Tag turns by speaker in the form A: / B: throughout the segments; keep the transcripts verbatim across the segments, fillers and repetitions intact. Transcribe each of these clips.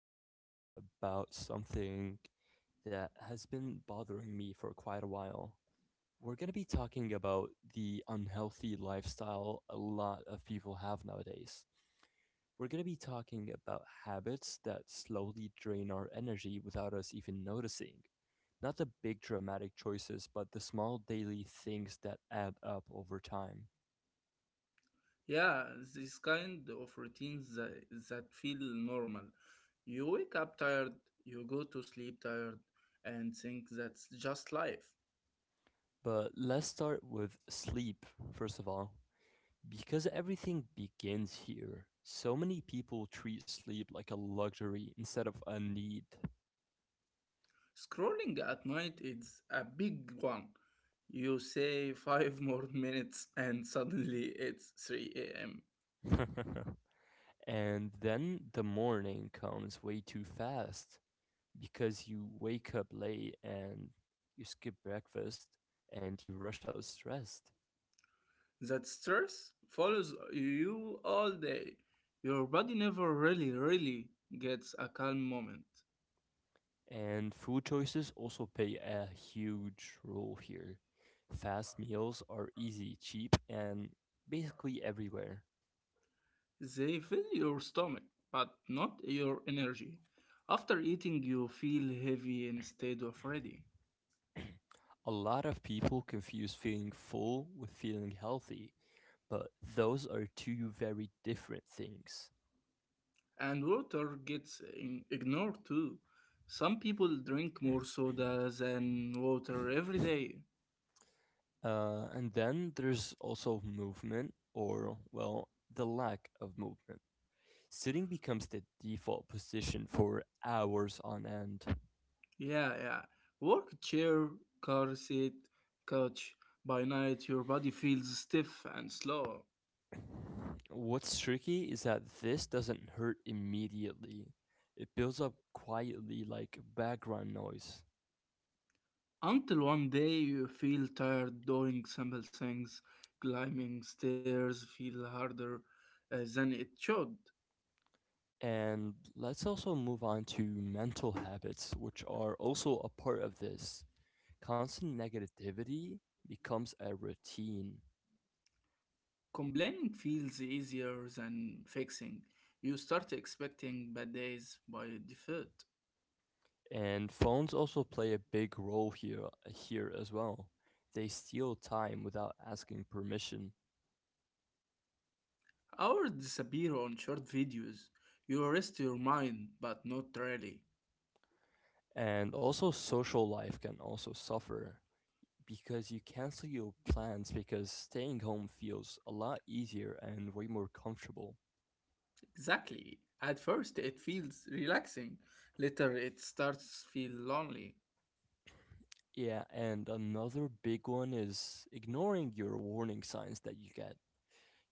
A: to be talking about something that has been bothering me for quite a while. We're going to be talking about the unhealthy lifestyle a lot of people have nowadays. We're going to be talking about habits that slowly drain our energy without us even noticing. Not the big dramatic choices, but the small daily things that add up over time.
B: Yeah, this kind of routines that, that feel normal. You wake up tired, you go to sleep tired, and think that's just life.
A: But let's start with sleep, first of all. Because everything begins here, so many people treat sleep like a luxury instead of a need.
B: Scrolling at night is a big one. You say five more minutes, and suddenly it's three a m.
A: And then the morning comes way too fast because you wake up late and you skip breakfast and you rush out stressed.
B: That stress follows you all day. Your body never really, really gets a calm moment.
A: And food choices also play a huge role here. Fast meals are easy, cheap, and basically everywhere.
B: They fill your stomach, but not your energy. After eating, you feel heavy instead of ready.
A: A lot of people confuse feeling full with feeling healthy, but those are two very different things.
B: And water gets in- ignored too. Some people drink more soda than water every day.
A: Uh, and then there's also movement, or, well, the lack of movement. Sitting becomes the default position for hours on end.
B: Yeah, yeah. Work chair, car seat, couch. By night, your body feels stiff and slow.
A: What's tricky is that this doesn't hurt immediately, it builds up quietly like background noise.
B: Until one day you feel tired doing simple things, climbing stairs feel harder uh, than it should.
A: And let's also move on to mental habits, which are also a part of this. Constant negativity becomes a routine,
B: Complaining feels easier than fixing. You start expecting bad days by default.
A: and phones also play a big role here here as well. They steal time without asking permission.
B: Hours disappear on short videos. You rest your mind, but not really.
A: And also social life can also suffer because you cancel your plans because staying home feels a lot easier and way more comfortable.
B: Exactly. At first it feels relaxing. Later it starts feel lonely.
A: Yeah, and another big one is ignoring your warning signs that you get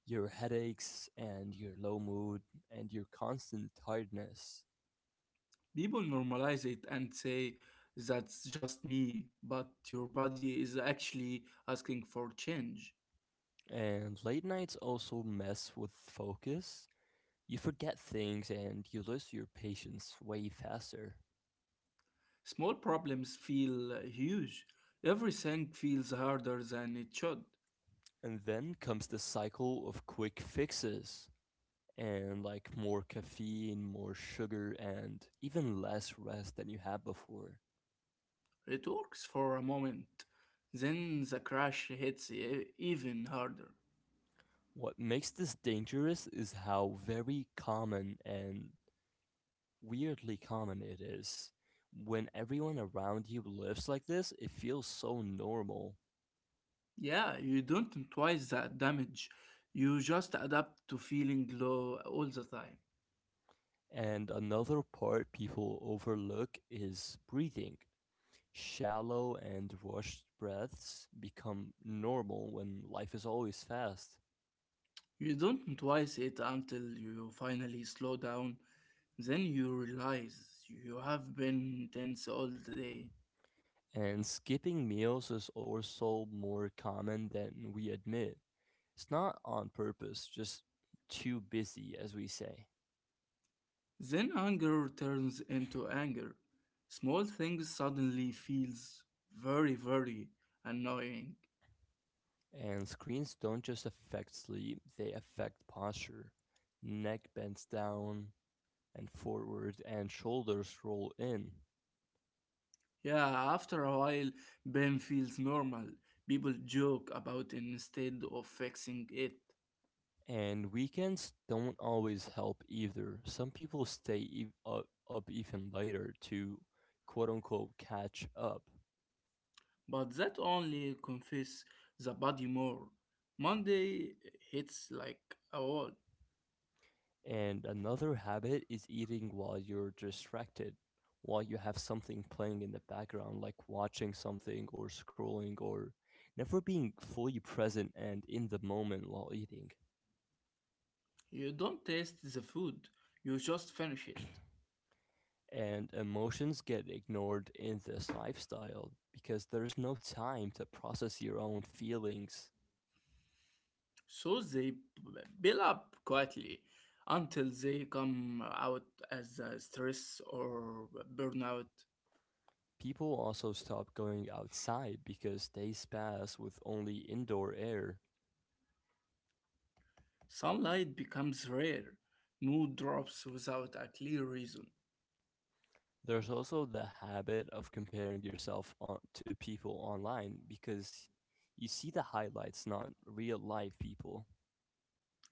A: your headaches, and your low mood, and your constant tiredness.
B: People normalize it and say, that's just me, but your body is actually asking for change.
A: And late nights also mess with focus. You forget things and you lose your patience way faster.
B: Small problems feel uh, huge. Everything feels harder than it should.
A: And then comes the cycle of quick fixes and like more caffeine, more sugar, and even less rest than you had before.
B: It works for a moment. Then the crash hits e- even harder.
A: What makes this dangerous is how very common and weirdly common it is. When everyone around you lives like this, it feels so normal.
B: Yeah, you don't twice that damage. You just adapt to feeling low all the time.
A: And another part people overlook is breathing. Shallow and rushed breaths become normal when life is always fast.
B: You don't twice it until you finally slow down. Then you realize you have been tense all day.
A: And skipping meals is also more common than we admit. It's not on purpose, just too busy, as we say.
B: Then anger turns into anger. Small things suddenly feels very very annoying.
A: And screens don't just affect sleep, they affect posture. Neck bends down and forward, and shoulders roll in.
B: Yeah, after a while Ben feels normal. People joke about it instead of fixing it.
A: And weekends don't always help either. Some people stay e- up, up even later to quote unquote catch up.
B: But that only confess the body more. Monday hits like a wall.
A: And another habit is eating while you're distracted, while you have something playing in the background, like watching something or scrolling or never being fully present and in the moment while eating.
B: You don't taste the food, you just finish it.
A: And emotions get ignored in this lifestyle because there's no time to process your own feelings.
B: So they b- build up quietly until they come out as a stress or burnout.
A: People also stop going outside because days pass with only indoor air.
B: Sunlight becomes rare, mood drops without a clear reason.
A: There's also the habit of comparing yourself on, to people online because you see the highlights, not real life people.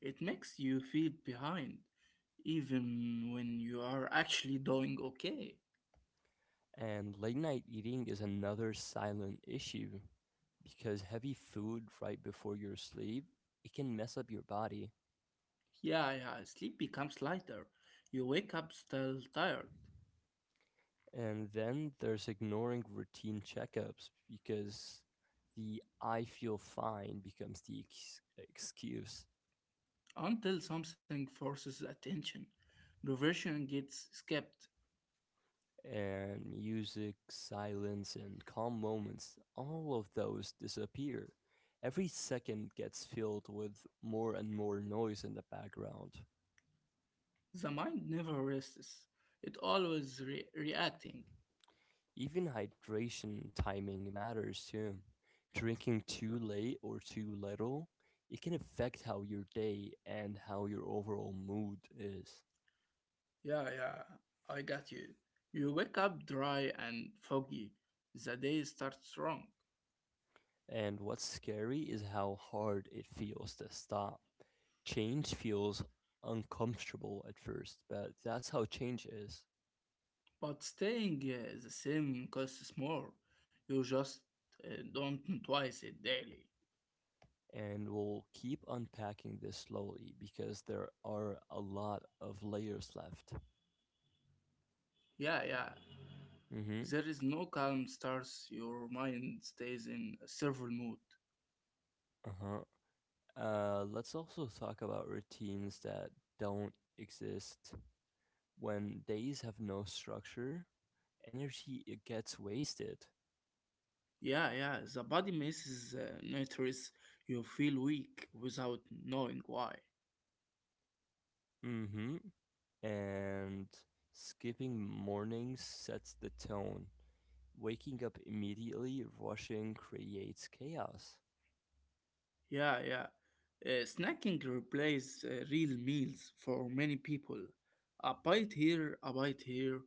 B: It makes you feel behind, even when you are actually doing okay.
A: And late night eating is another silent issue because heavy food right before your sleep, it can mess up your body.
B: Yeah, yeah, sleep becomes lighter. You wake up still tired.
A: And then there's ignoring routine checkups because the I feel fine becomes the ex- excuse.
B: Until something forces attention, perversion gets skipped.
A: And music, silence, and calm moments, all of those disappear. Every second gets filled with more and more noise in the background.
B: The mind never rests. It always re- reacting.
A: Even hydration timing matters too. Drinking too late or too little, it can affect how your day and how your overall mood is.
B: Yeah, yeah, I got you. You wake up dry and foggy. The day starts wrong.
A: And what's scary is how hard it feels to stop. Change feels uncomfortable at first, but that's how change is.
B: But staying uh, the same costs more. You just uh, don't twice it daily.
A: And we'll keep unpacking this slowly because there are a lot of layers left.
B: Yeah, yeah.
A: Mm-hmm.
B: There is no calm stars. Your mind stays in a server mode.
A: Uh-huh. Uh, let's also talk about routines that don't exist. When days have no structure, energy it gets wasted.
B: Yeah, yeah, the body misses uh, nutrients. You feel weak without knowing why.
A: Mm-hmm. And skipping mornings sets the tone. Waking up immediately, rushing creates chaos.
B: Yeah, yeah. Uh, snacking replaces uh, real meals for many people. A bite here, a bite here.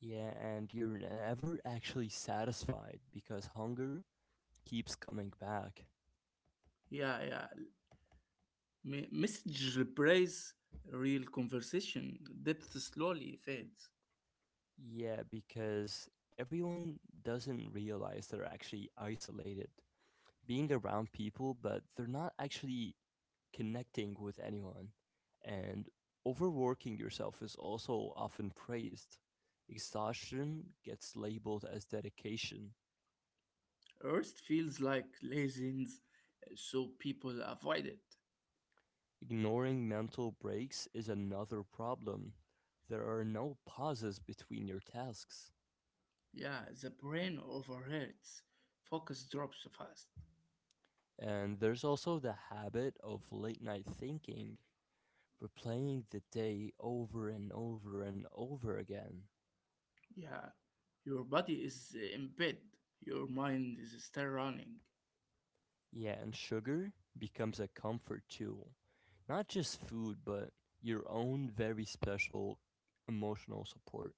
A: Yeah, and you're never actually satisfied because hunger keeps coming back.
B: Yeah, yeah. Me- message replaces real conversation. Depth slowly fades.
A: Yeah, because everyone doesn't realize they're actually isolated, being around people, but they're not actually connecting with anyone. And overworking yourself is also often praised. Exhaustion gets labeled as dedication.
B: Rest feels like laziness, uh, so people avoid it.
A: Ignoring mental breaks is another problem. There are no pauses between your tasks.
B: Yeah, the brain overheats. Focus drops fast.
A: And there's also the habit of late night thinking. Replaying the day over and over and over again.
B: Yeah, your body is in bed, your mind is still running.
A: Yeah, and sugar becomes a comfort tool. Not just food, but your own very special emotional support.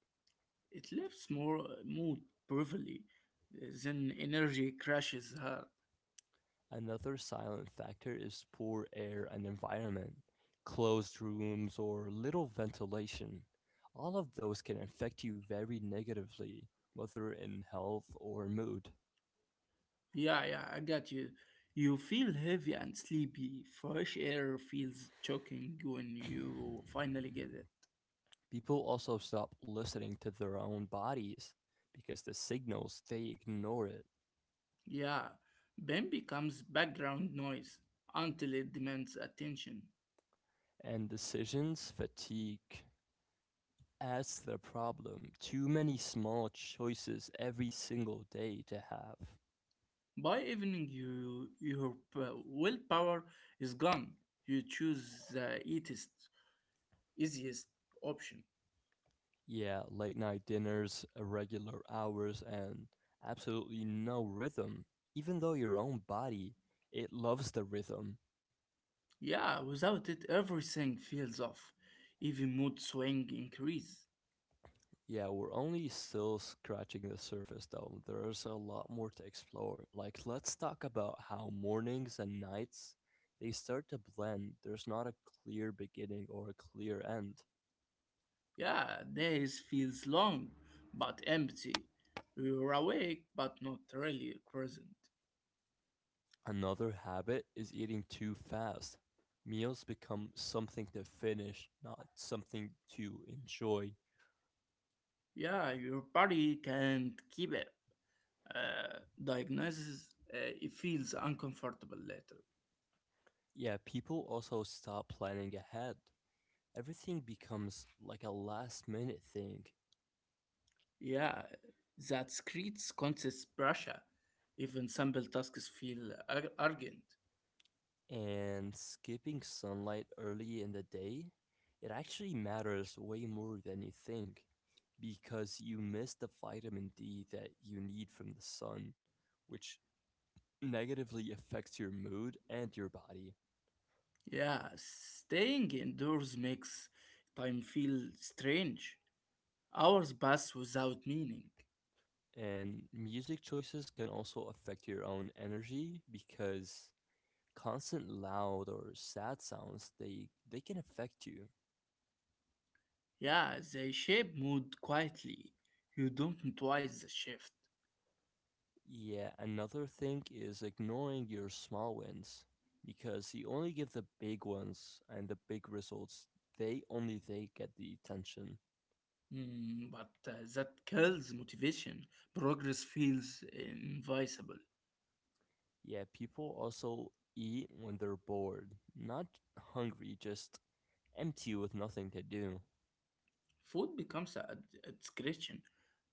B: It lifts more mood briefly, then energy crashes hard.
A: Another silent factor is poor air and environment, closed rooms, or little ventilation. All of those can affect you very negatively, whether in health or mood.
B: Yeah, yeah, I got you. You feel heavy and sleepy. Fresh air feels choking when you finally get it.
A: People also stop listening to their own bodies because the signals they ignore it.
B: Yeah, then becomes background noise until it demands attention.
A: And decisions fatigue. That's the problem. Too many small choices every single day to have.
B: By evening, you, your p- willpower is gone. You choose the easiest, easiest option.
A: Yeah, late night dinners, irregular hours, and absolutely no rhythm. Even though your own body, it loves the rhythm.
B: Yeah, without it, everything feels off. Even mood swing increase.
A: Yeah, we're only still scratching the surface though. There's a lot more to explore. Like, let's talk about how mornings and nights they start to blend. There's not a clear beginning or a clear end.
B: Yeah, days feels long, but empty. You're awake, but not really present.
A: Another habit is eating too fast. Meals become something to finish, not something to enjoy.
B: Yeah, your body can't keep it. Uh, diagnosis, uh, it feels uncomfortable later.
A: Yeah, people also stop planning ahead. Everything becomes like a last minute thing.
B: Yeah, that creates conscious pressure. Even simple tasks feel ar- urgent.
A: And skipping sunlight early in the day, it actually matters way more than you think because you miss the vitamin D that you need from the sun, which negatively affects your mood and your body.
B: Yeah, staying indoors makes time feel strange. Hours pass without meaning.
A: And music choices can also affect your own energy because constant loud or sad sounds they they can affect you.
B: Yeah, they shape mood quietly. You don't notice the shift.
A: Yeah, another thing is ignoring your small wins because you only give the big ones and the big results. They only they get the attention.
B: Mm, but uh, that kills motivation. Progress feels invisible.
A: Yeah, people also eat when they're bored, not hungry, just empty with nothing to do.
B: Food becomes a, a discretion.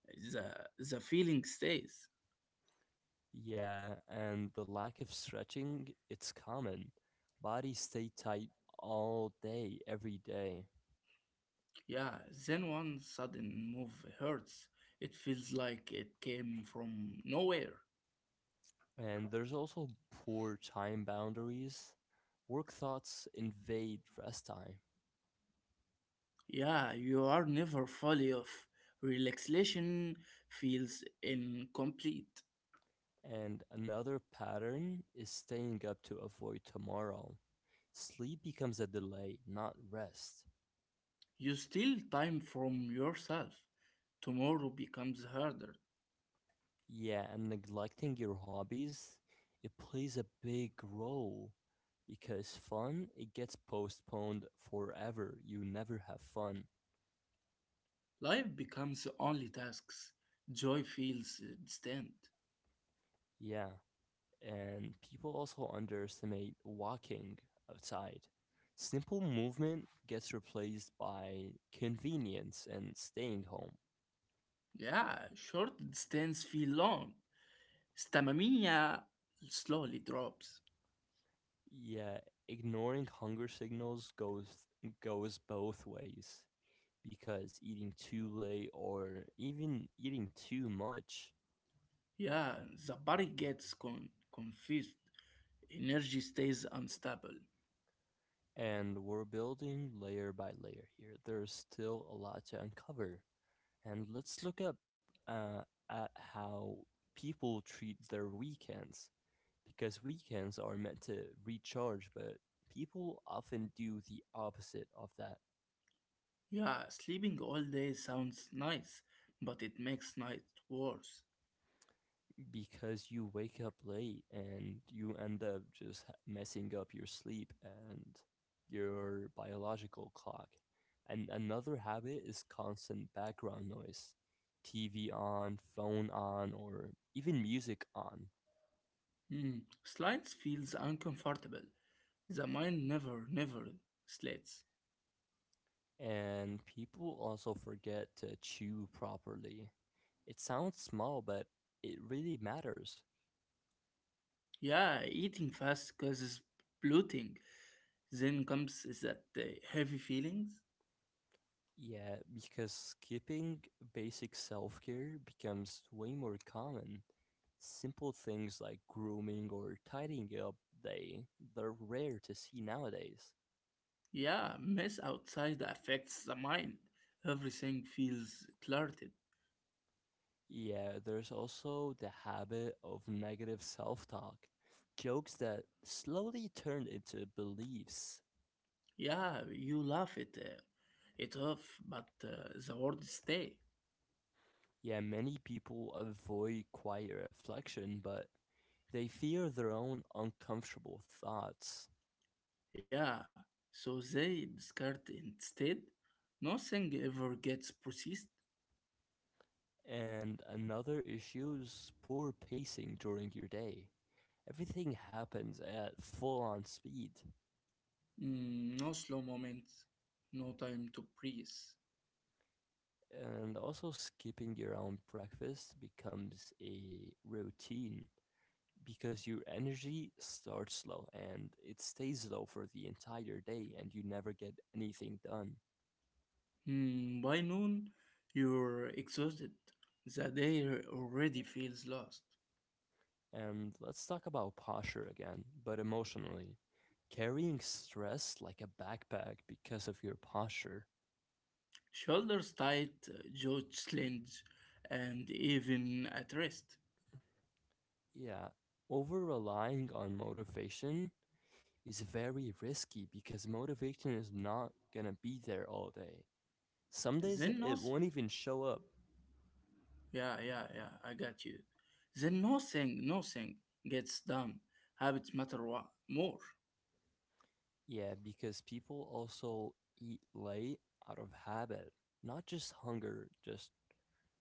B: The, the feeling stays.
A: Yeah, and the lack of stretching, it's common. Bodies stay tight all day, every day.
B: Yeah, then one sudden move hurts. It feels like it came from nowhere.
A: And there's also poor time boundaries. Work thoughts invade rest time.
B: Yeah, you are never fully off. Relaxation feels incomplete.
A: And another pattern is staying up to avoid tomorrow. Sleep becomes a delay, not rest.
B: You steal time from yourself. Tomorrow becomes harder.
A: Yeah, and neglecting your hobbies, it plays a big role because fun, it gets postponed forever. You never have fun.
B: Life becomes only tasks. Joy feels distant.
A: Yeah. And people also underestimate walking outside. Simple movement gets replaced by convenience and staying home.
B: Yeah, short distance feel long. Stamina slowly drops.
A: Yeah, ignoring hunger signals goes goes both ways because eating too late or even eating too much.
B: Yeah, the body gets con- confused. Energy stays unstable.
A: And we're building layer by layer here. There's still a lot to uncover. And let's look up uh, at how people treat their weekends. Because weekends are meant to recharge, but people often do the opposite of that
B: Yeah, sleeping all day sounds nice, but it makes night worse.
A: because you wake up late and you end up just ha- messing up your sleep and your biological clock. And another habit is constant background noise. T V on, phone on, or even music on.
B: Hmm. Slides feels uncomfortable. The mind never, never slits.
A: And people also forget to chew properly. It sounds small, but it really matters.
B: Yeah, eating fast causes bloating. Then comes that uh, heavy feelings.
A: Yeah, because skipping basic self care becomes way more common. Simple things like grooming or tidying up, they they're rare to see nowadays.
B: Yeah, mess outside affects the mind. Everything feels cluttered.
A: Yeah, there's also the habit of negative self-talk. Jokes that slowly turn into beliefs.
B: Yeah, you laugh it, uh, it off, but uh, the words stay.
A: Yeah, many people avoid quiet reflection, but they fear their own uncomfortable thoughts.
B: Yeah, so they discard instead. Nothing ever gets processed.
A: And another issue is poor pacing during your day. Everything happens at full on speed.
B: Mm, no slow moments, no time to breathe.
A: And also, skipping your own breakfast becomes a routine because your energy starts low and it stays low for the entire day, and you never get anything done.
B: Mm, by noon, you're exhausted. The day already feels lost.
A: And let's talk about posture again, but emotionally. Carrying stress like a backpack because of your posture.
B: Shoulders tight, uh, jaw slinged, and even at rest.
A: Yeah, over relying on motivation is very risky because motivation is not gonna be there all day. Some days
B: Then
A: it
B: nothing.
A: won't even show up.
B: Yeah, yeah, yeah, I got you. Then nothing, nothing gets done. Habits matter wa- more.
A: Yeah, because people also eat late out of habit, not just hunger, just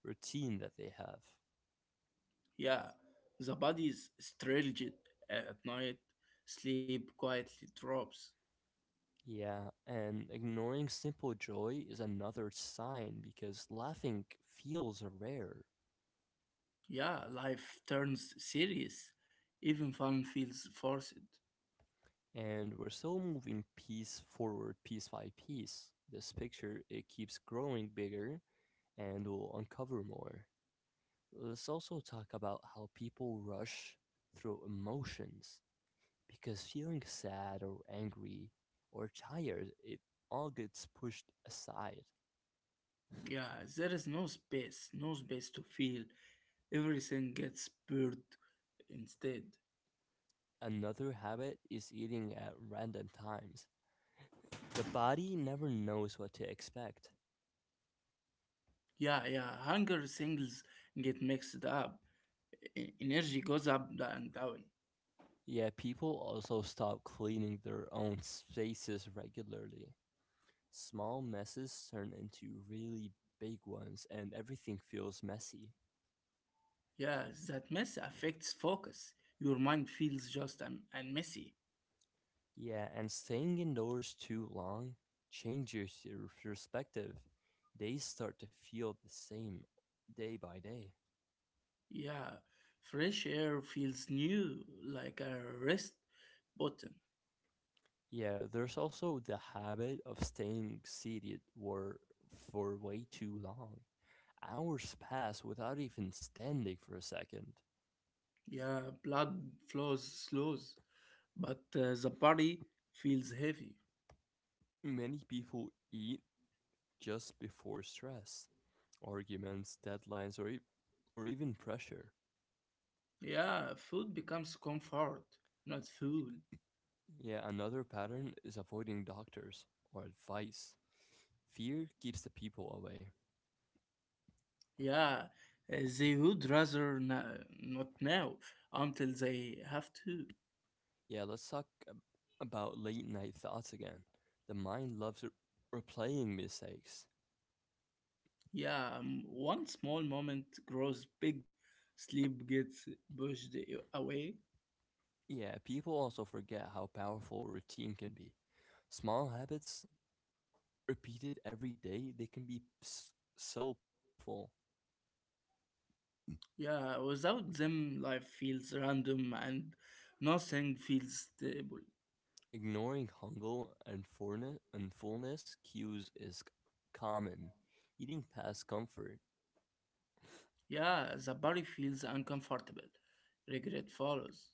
A: routine that they have.
B: Yeah, the body is straightly at night, sleep quietly drops.
A: Yeah, and ignoring simple joy is another sign because laughing feels rare.
B: Yeah, life turns serious. Even fun feels forced.
A: And we're still moving piece forward, piece by piece. This picture, it keeps growing bigger and will uncover more. Let's also talk about how people rush through emotions because feeling sad or angry or tired, it all gets pushed aside.
B: Yeah, there is no space, no space to feel. Everything gets spurred instead.
A: Another habit is eating at random times. The body never knows what to expect.
B: Yeah, yeah, hunger signals get mixed up. E- Energy goes up and down.
A: Yeah, people also stop cleaning their own spaces regularly. Small messes turn into really big ones, and everything feels messy.
B: Yeah, that mess affects focus. Your mind feels just un- and messy.
A: Yeah, and staying indoors too long changes your perspective. Days start to feel the same day by day.
B: Yeah, fresh air feels new, like a rest button.
A: Yeah, there's also the habit of staying seated wor- for way too long. Hours pass without even standing for a second.
B: Yeah, blood flows slows, but uh, the body feels heavy.
A: Many people eat just before stress, arguments, deadlines, or, e- or even pressure.
B: Yeah, food becomes comfort, not food.
A: Yeah, another pattern is avoiding doctors or advice. Fear keeps the people away.
B: Yeah, uh, they would rather na- not now until they have to.
A: Yeah, let's talk ab- about late night thoughts again. The mind loves re- replaying mistakes.
B: Yeah, um, one small moment grows big, sleep gets pushed away.
A: Yeah, people also forget how powerful routine can be. Small habits repeated every day, they can be s- so powerful.
B: Yeah, without them, life feels random and nothing feels stable.
A: Ignoring hunger and fullness, and fullness cues is c- common. Eating past comfort.
B: Yeah, the body feels uncomfortable. Regret follows.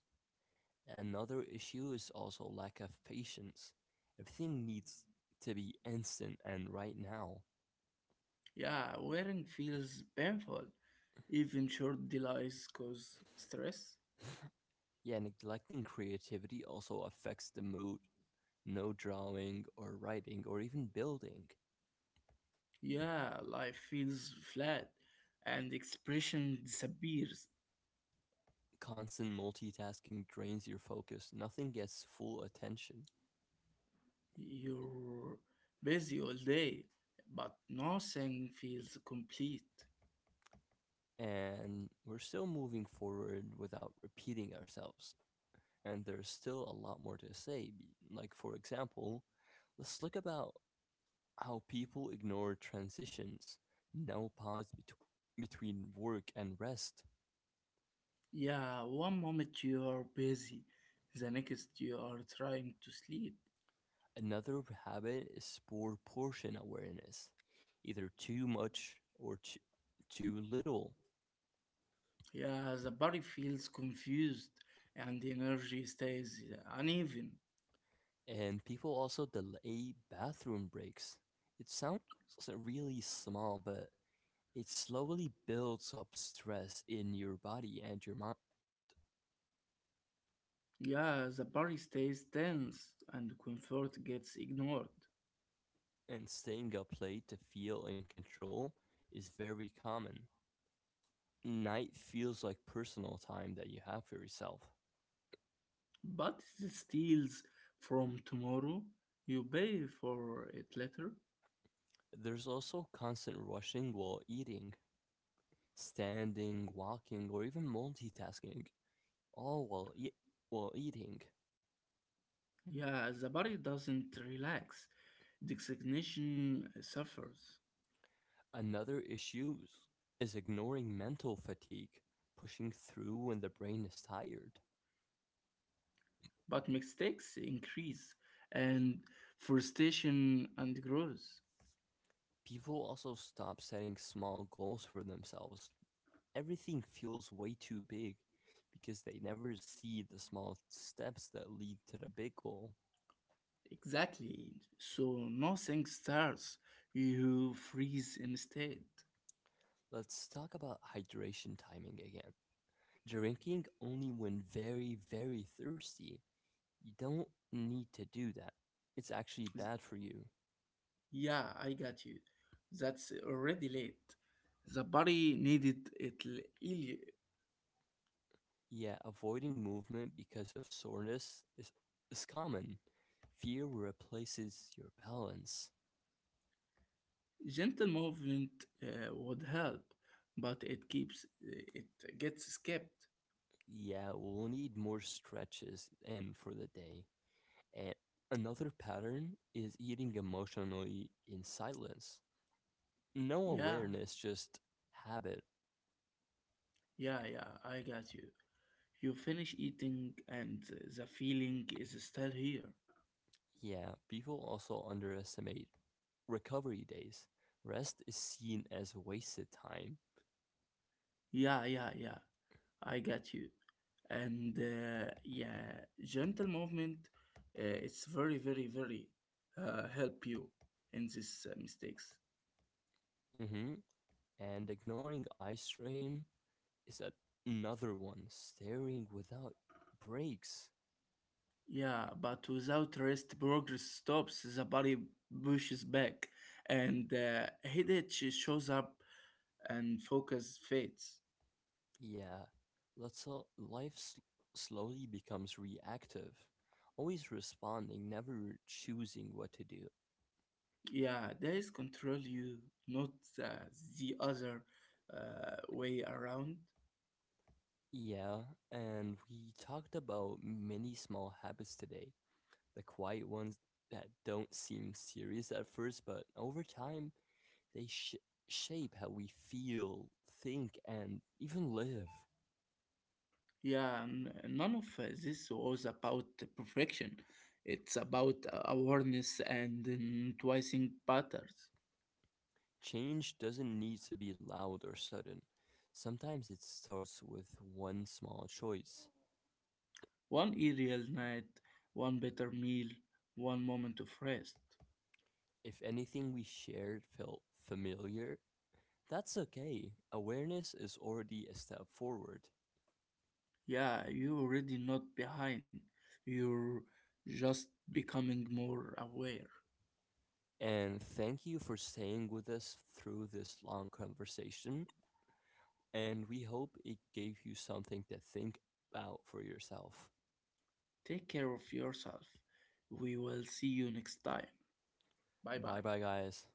A: Another issue is also lack of patience. Everything needs to be instant and right now.
B: Yeah, wearing feels painful. Even short delays cause stress.
A: Yeah, neglecting creativity also affects the mood. No drawing or writing or even building.
B: Yeah, life feels flat and expression disappears.
A: Constant multitasking drains your focus. Nothing gets full attention.
B: You're busy all day, but nothing feels complete.
A: And we're still moving forward without repeating ourselves. And there's still a lot more to say. Like, for example, let's look about how people ignore transitions, now pause bet- between work and rest.
B: Yeah, one moment you are busy, the next you are trying to sleep.
A: Another habit is poor portion awareness, either too much or too, too little.
B: Yeah, the body feels confused and the energy stays uneven.
A: And people also delay bathroom breaks. It sounds really small, but it slowly builds up stress in your body and your mind.
B: Yeah, the body stays tense and comfort gets ignored.
A: And staying up late to feel in control is very common. Night feels like personal time that you have for yourself.
B: But it steals from tomorrow, you pay for it later.
A: There's also constant rushing while eating, standing, walking, or even multitasking, all while, e- while eating.
B: Yeah, the body doesn't relax, designation suffers.
A: Another issue is ignoring mental fatigue, pushing through when the brain is tired.
B: But mistakes increase and frustration and grows.
A: People also stop setting small goals for themselves. Everything feels way too big because they never see the small steps that lead to the big goal.
B: Exactly. So nothing starts, you freeze instead.
A: Let's talk about hydration timing again. Drinking only when very, very thirsty. You don't need to do that. It's actually
B: Z-
A: bad for you.
B: Yeah, I got you. That's already late. The body needed it l- earlier.
A: Yeah, avoiding movement because of soreness is, is common. Fear replaces your balance.
B: Gentle movement uh, would help, but it keeps uh, it gets skipped.
A: Yeah, we'll need more stretches and for the day. And another pattern is eating emotionally in silence. No
B: Yeah,
A: awareness, just habit.
B: yeah, yeah. I got you. You finish eating, and the feeling is still here.
A: Yeah, people also underestimate recovery days. Rest is seen as wasted time.
B: Yeah, yeah, yeah. I get you. And uh, yeah, gentle movement, uh, it's very, very, very uh, help you in these uh, mistakes.
A: Hmm. And ignoring eye strain is a- another one. Staring without breaks.
B: Yeah, but without rest, progress stops. The body pushes back, and uh, headache shows up, and focus fades.
A: Yeah, let's all, life s- slowly becomes reactive. Always responding, never choosing what to do.
B: Yeah, there is control you, not uh, the other uh, way around.
A: Yeah, and we talked about many small habits today, the quiet ones that don't seem serious at first, but over time they sh- shape how we feel, think, and even live.
B: Yeah, n- none of uh, this was about perfection. It's about uh, awareness and mm, twisting patterns.
A: Change doesn't need to be loud or sudden. Sometimes it starts with one small choice.
B: One aerial night, one better meal, one moment of rest.
A: If anything we shared felt familiar, that's okay. Awareness is already a step forward.
B: Yeah, you're already not behind. You're just becoming more aware.
A: And thank you for staying with us through this long conversation. And we hope it gave you something to think about for yourself.
B: Take care of yourself. We will see you next time. Bye
A: Bye
B: bye.
A: bye, guys.